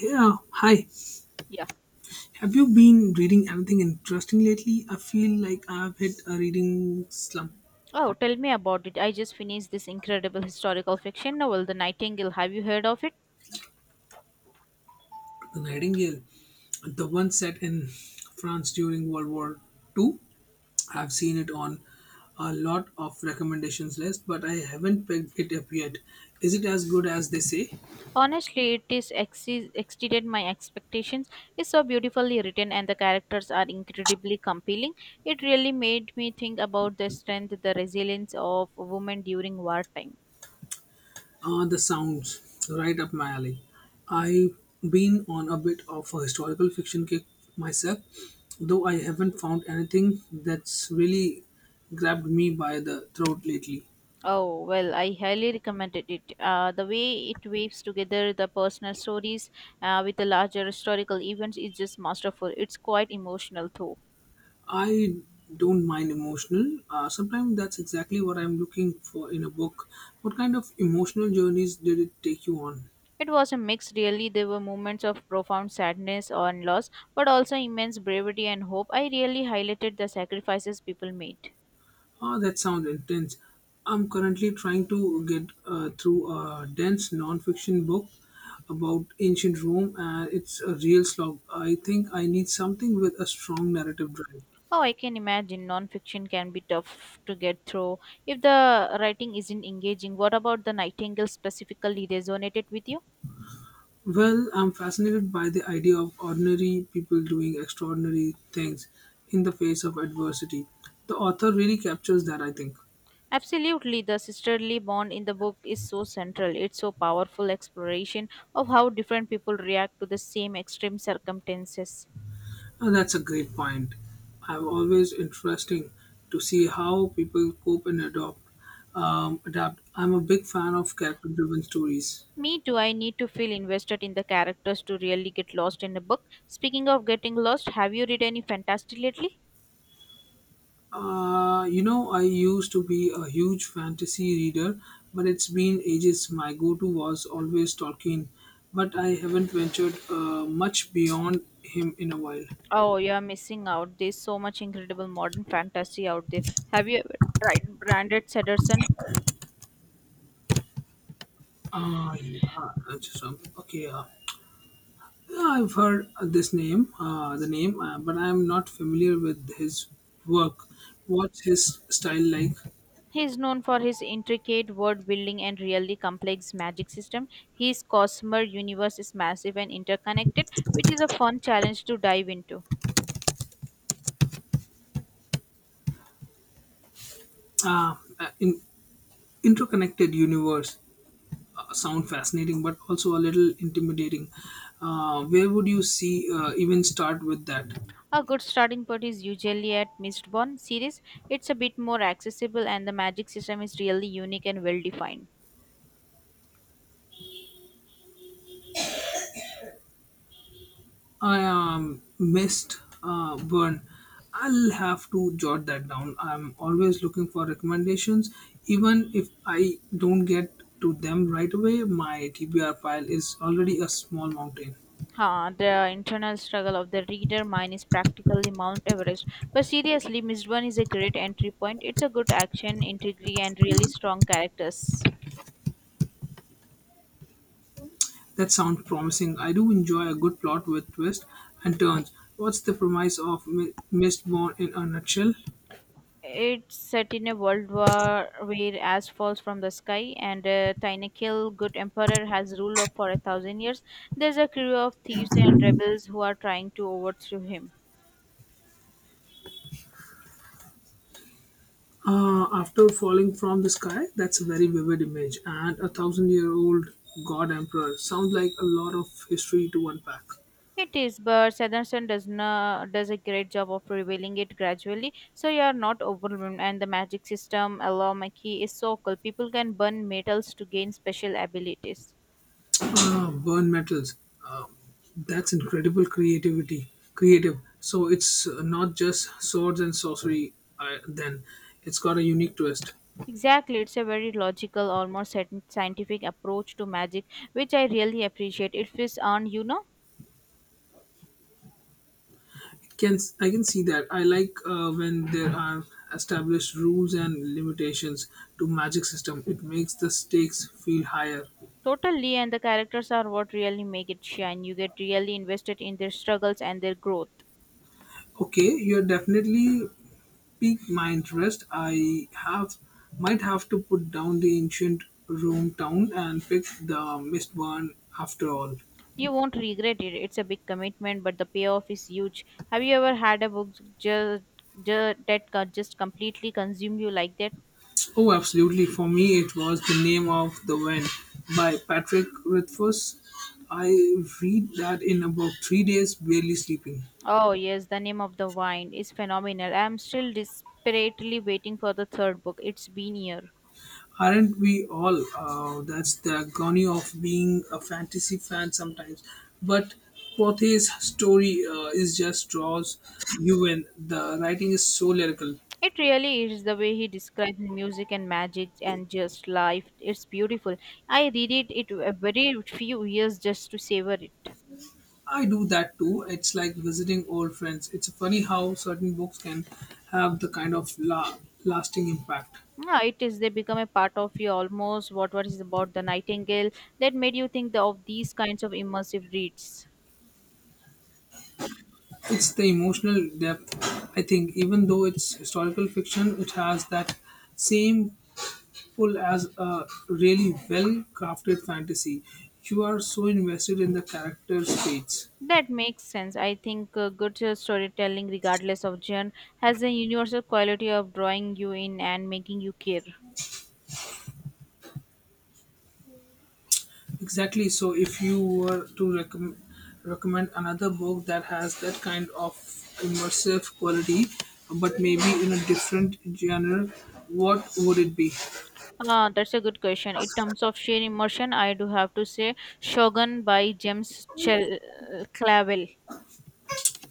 Yeah, hi. Yeah. Have you been reading anything interesting lately? I feel like I've hit a reading slump. Oh, tell me about it. I just finished this incredible historical fiction novel, The Nightingale. Have you heard of it? The Nightingale, the one set in France during World War II. I've seen it on a lot of recommendations list, but I haven't picked it up yet. Is it as good as they say? Honestly, it exceeded my expectations. It's so beautifully written and the characters are incredibly compelling. It really made me think about the strength, the resilience of women during wartime. The sounds right up my alley. I've been on a bit of a historical fiction kick myself, though I haven't found anything that's really grabbed me by the throat lately. Oh, well, I highly recommended it. The way it weaves together the personal stories with the larger historical events is just masterful. It's quite emotional, too. I don't mind emotional. Sometimes that's exactly what I'm looking for in a book. What kind of emotional journeys did it take you on? It was a mix, really. There were moments of profound sadness and loss, but also immense bravery and hope. I really highlighted the sacrifices people made. Oh, that sounds intense. I'm currently trying to get through a dense non-fiction book about ancient Rome, and it's a real slog. I think I need something with a strong narrative drive. Oh, I can imagine non-fiction can be tough to get through if the writing isn't engaging. What about the Nightingale specifically resonated with you? Well, I'm fascinated by the idea of ordinary people doing extraordinary things in the face of adversity. The author really captures that, I think. Absolutely, the sisterly bond in the book is so central. It's so powerful exploration of how different people react to the same extreme circumstances. That's a great point. I'm always interesting to see how people cope and adopt, adapt. I'm a big fan of character-driven stories. Me too, I need to feel invested in the characters to really get lost in a book. Speaking of getting lost, have you read any fantasy lately? I used to be a huge fantasy reader, but it's been ages. My go-to was always Tolkien, but I haven't ventured much beyond him in a while. Oh, you are missing out. There's so much incredible modern fantasy out there. Have you ever tried Brandon Sanderson? Ah, yeah, just, okay. Yeah, I've heard the name, but I'm not familiar with his work. What's his style like? He is known for his intricate world building and really complex magic system. His Cosmere universe is massive and interconnected, which is a fun challenge to dive into. In interconnected universe sound fascinating, but also a little intimidating. Where would you see even start with that? A good starting point is usually at Mistborn series. It's a bit more accessible and the magic system is really unique and well defined. I missed burn. I'll have to jot that down. I'm always looking for recommendations, even if I don't get to them right away. My TBR file is already a small mountain. Huh, the internal struggle of the reader mine is practically Mount Everest. But seriously, Mistborn is a great entry point. It's a good action, intrigue, and really strong characters. That sounds promising. I do enjoy a good plot with twists and turns. What's the premise of Mistborn in a nutshell? It's set in a world war where ash falls from the sky and Tynekil, good emperor, has ruled for 1,000 years. There's a crew of thieves and rebels who are trying to overthrow him. After falling from the sky, that's a very vivid image. And a 1,000-year-old god emperor sounds like a lot of history to unpack. It is, but Sanderson does not does a great job of revealing it gradually, so you are not overwhelmed. And the magic system, Alomaki, is so cool. People can burn metals to gain special abilities. Ah, burn metals. Um, that's incredible creativity. Creative. So it's not just swords and sorcery. Then it's got a unique twist. Exactly, it's a very logical, almost scientific approach to magic, which I really appreciate. It feels on, you know, Can I can see that. I like when there are established rules and limitations to magic system. It makes the stakes feel higher. totally, and the characters are what really make it shine. You get really invested in their struggles and their growth. Okay, you're definitely piqued my interest. I have might have to put down the ancient Rome town and pick the Mistborn after all. You won't regret it. It's a big commitment, but the payoff is huge. Have you ever had a book just, that just completely consumed you like that? Oh, absolutely. For me, it was The Name of the Wind by Patrick Rothfuss. I read that in about 3 days, barely sleeping. Oh, yes, the name of the wine is phenomenal. I'm still desperately waiting for the third book. It's been a year. Aren't we all? That's the agony of being a fantasy fan sometimes. But Pothe's story is just draws you in. The writing is so lyrical. It really is the way he describes music and magic and just life. It's beautiful. I read it a very few years just to savor it. I do that too. It's like visiting old friends. It's funny how certain books can have the kind of lasting impact. Ah, it is. They become a part of you almost. What was about the Nightingale that made you think of these kinds of immersive reads? It's the emotional depth. I think even though it's historical fiction, it has that same pull as a really well crafted fantasy. You are so invested in the characters' fates. That makes sense. I think good storytelling, regardless of genre, has a universal quality of drawing you in and making you care. Exactly. So if you were to recommend another book that has that kind of immersive quality, but maybe in a different genre, what would it be? Ah, that's a good question. In terms of sheer immersion, I do have to say Shogun by James Clavell.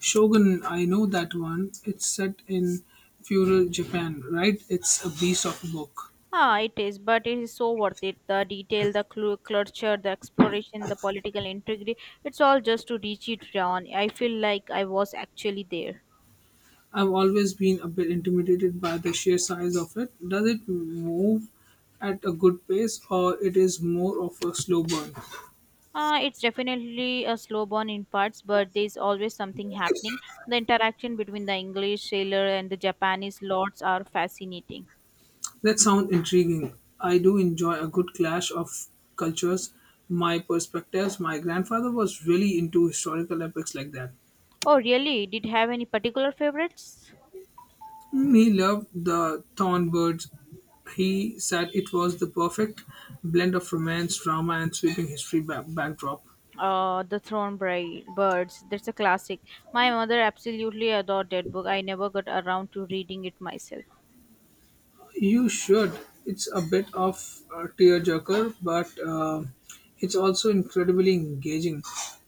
Shogun, I know that one. It's set in feudal Japan, right? It's a beast of a book. Ah, it is, but it is so worth it. The detail, the culture, the exploration, the political intrigue, it's all just to reach it down. I feel like I was actually there. I've always been a bit intimidated by the sheer size of it. Does it move at a good pace or it is more of a slow burn? It's definitely a slow burn in parts, but there's always something happening. The interaction between the English sailor and the Japanese lords are fascinating. That sounds intriguing. I do enjoy a good clash of cultures, my perspectives. My grandfather was really into historical epics like that. Oh, really? Did you have any particular favorites? He loved the Thorn Birds. He said it was the perfect blend of romance, drama, and sweeping history backdrop. The Throne Birds. That's a classic. My mother absolutely adored that book. I never got around to reading it myself. You should. It's a bit of a tearjerker, but it's also incredibly engaging.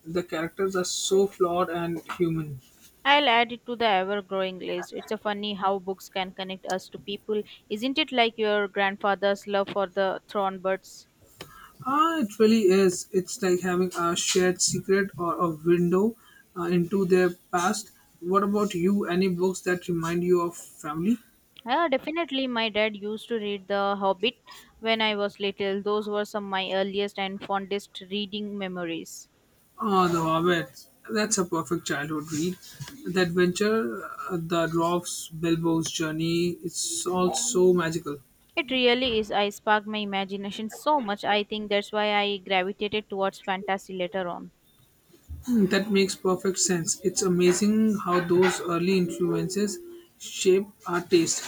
The characters are so flawed and human. I'll add it to the ever growing list. It's a funny how books can connect us to people. Isn't it like your grandfather's love for the Thornbirds? Ah, it really is. It's like having a shared secret or a window into their past. What about you? Any books that remind you of family? Yeah, definitely. My dad used to read The Hobbit when I was little. Those were some of my earliest and fondest reading memories. Oh, The Hobbit. That's a perfect childhood read. The adventure, the dwarf's Bilbo's journey, it's all so magical. It really is. I sparked my imagination so much. I think that's why I gravitated towards fantasy later on. Hmm, that makes perfect sense. It's amazing how those early influences shape our taste.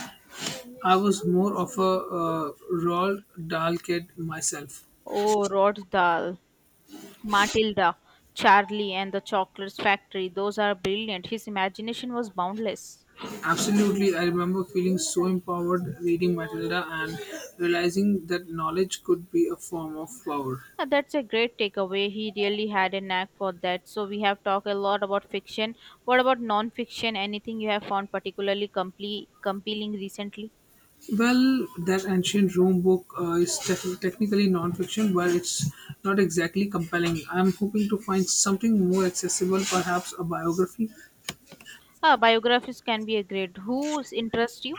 I was more of a Roald Dahl kid myself. Oh, Roald Dahl, Matilda, Charlie, and the Chocolate Factory. Those are brilliant. His imagination was boundless. Absolutely, I remember feeling so empowered reading Matilda and realizing that knowledge could be a form of power. Yeah, that's a great takeaway. He really had a knack for that. So we have talked a lot about fiction. What about non-fiction? Anything you have found particularly compelling recently? Well, that ancient Rome book is technically non-fiction, but it's not exactly compelling. I'm hoping to find something more accessible, perhaps a biography. Ah, biographies can be a great. Who's interest you?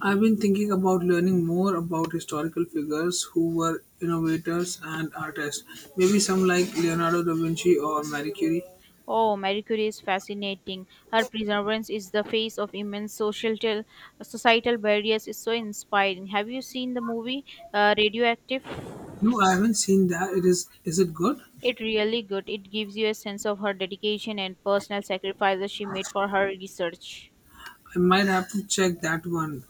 I've been thinking about learning more about historical figures who were innovators and artists. Maybe some like Leonardo da Vinci or Marie Curie. Oh, Marie Curie is fascinating. Her perseverance is the face of immense social societal barriers is so inspiring. Have you seen the movie Radioactive? No, I haven't seen that. It is it good? It really good. It gives you a sense of her dedication and personal sacrifices she made for her research. I might have to check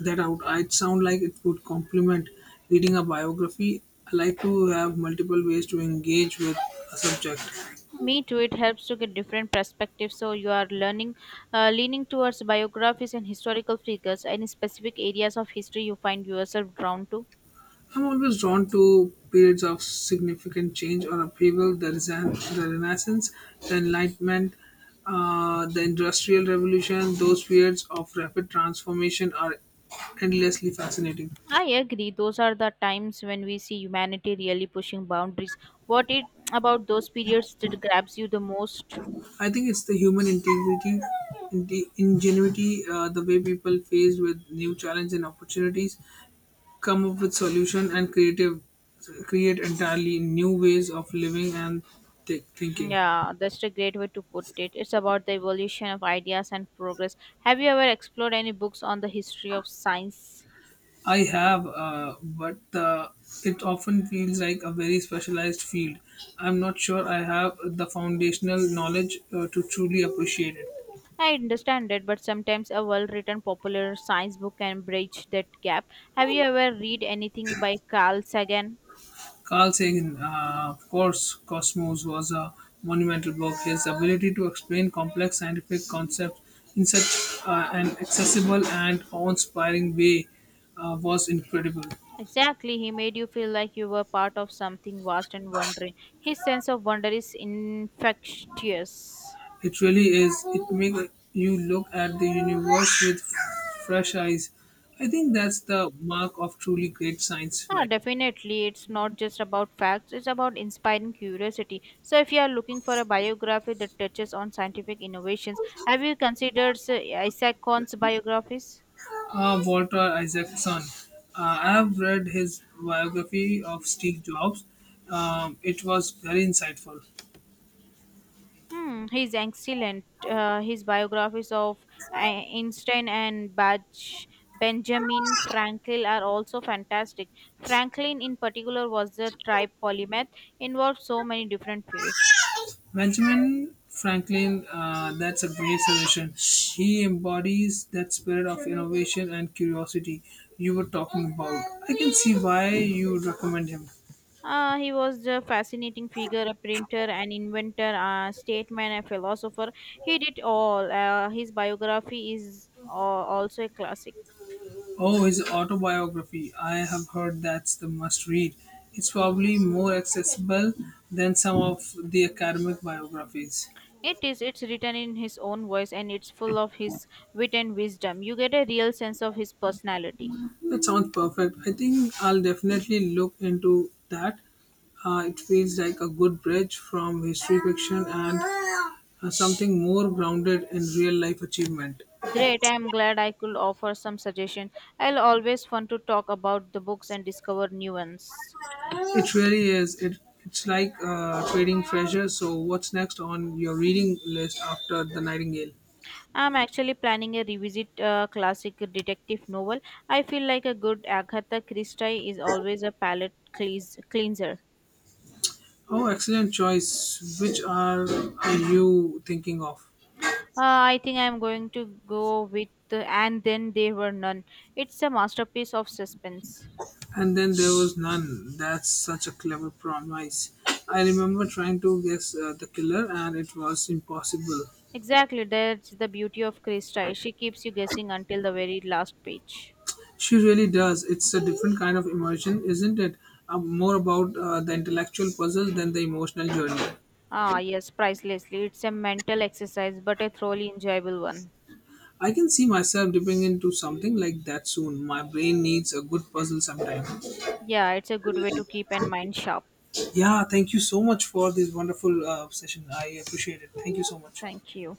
that out. It sound like it would complement reading a biography. I like to have multiple ways to engage with a subject. Me too. It helps to get different perspectives. So you are leaning towards biographies and historical figures. Any specific areas of history you find yourself drawn to? I'm always drawn to periods of significant change or upheaval, the Renaissance, the Enlightenment, the Industrial Revolution. Those periods of rapid transformation are endlessly fascinating. I agree. Those are the times when we see humanity really pushing boundaries. What it about those periods that grabs you the most? I think it's the human ingenuity, the way people faced with new challenges and opportunities come up with solution and creative create entirely new ways of living and thinking. Yeah, that's a great way to put it. It's about the evolution of ideas and progress. Have you ever explored any books on the history of science? I have, but uh, it often feels like a very specialized field. I'm not sure I have the foundational knowledge to truly appreciate it. I understand that, but sometimes a well written popular science book can bridge that gap. Have you ever read anything by Carl Sagan? Carl Sagan, of course. Cosmos was a monumental book. His ability to explain complex scientific concepts in such an accessible and awe-inspiring way was incredible. Exactly, he made you feel like you were part of something vast and wondering. His sense of wonder is infectious. It really is. It makes you look at the universe with fresh eyes. I think that's the mark of truly great science Ah, writer. definitely, it's not just about facts, it's about inspiring curiosity. So, if you are looking for a biography that touches on scientific innovations, have you considered Isaac Kahn's biographies? Walter Isaacson. I have read his biography of Steve Jobs. It was very insightful. Hmm, he's excellent. His biographies of Einstein and Baj Benjamin Franklin are also fantastic. Franklin, in particular, was a tribe polymath, involved so many different fields. Benjamin Franklin, that's a great suggestion. He embodies that spirit of innovation and curiosity you were talking about. I can see why you would recommend him. He was a fascinating figure, a printer, an inventor, a statesman, a philosopher. He did all. His biography is also a classic. Oh, his autobiography. I have heard that's the must read. It's probably more accessible than some of the academic biographies. It is. It's written in his own voice and it's full of his wit and wisdom. You get a real sense of his personality. That sounds perfect. I think I'll definitely look into that. It feels like a good bridge from history fiction and something more grounded in real life achievement. Great. I'm glad I could offer some suggestion. I'll always fun to talk about the books and discover new ones. It really is. It's like trading treasure. So, what's next on your reading list after The Nightingale? I'm actually planning a revisit classic detective novel. I feel like a good Agatha Christie is always a palate cleanser. Oh, excellent choice. Which are you thinking of? I think I'm going to go with And Then There Were None. It's a masterpiece of suspense. And then there was none. That's such a clever promise. I remember trying to guess the killer, and it was impossible. Exactly, that's the beauty of Krista. She keeps you guessing until the very last page. She really does. It's a different kind of immersion, isn't it? More about the intellectual puzzle than the emotional journey. Ah, yes, pricelessly. It's a mental exercise, but a thoroughly enjoyable one. I can see myself dipping into something like that soon. My brain needs a good puzzle sometime. Yeah, it's a good way to keep and mind sharp. Yeah, thank you so much for this wonderful session. I appreciate it. Thank you so much. Thank you.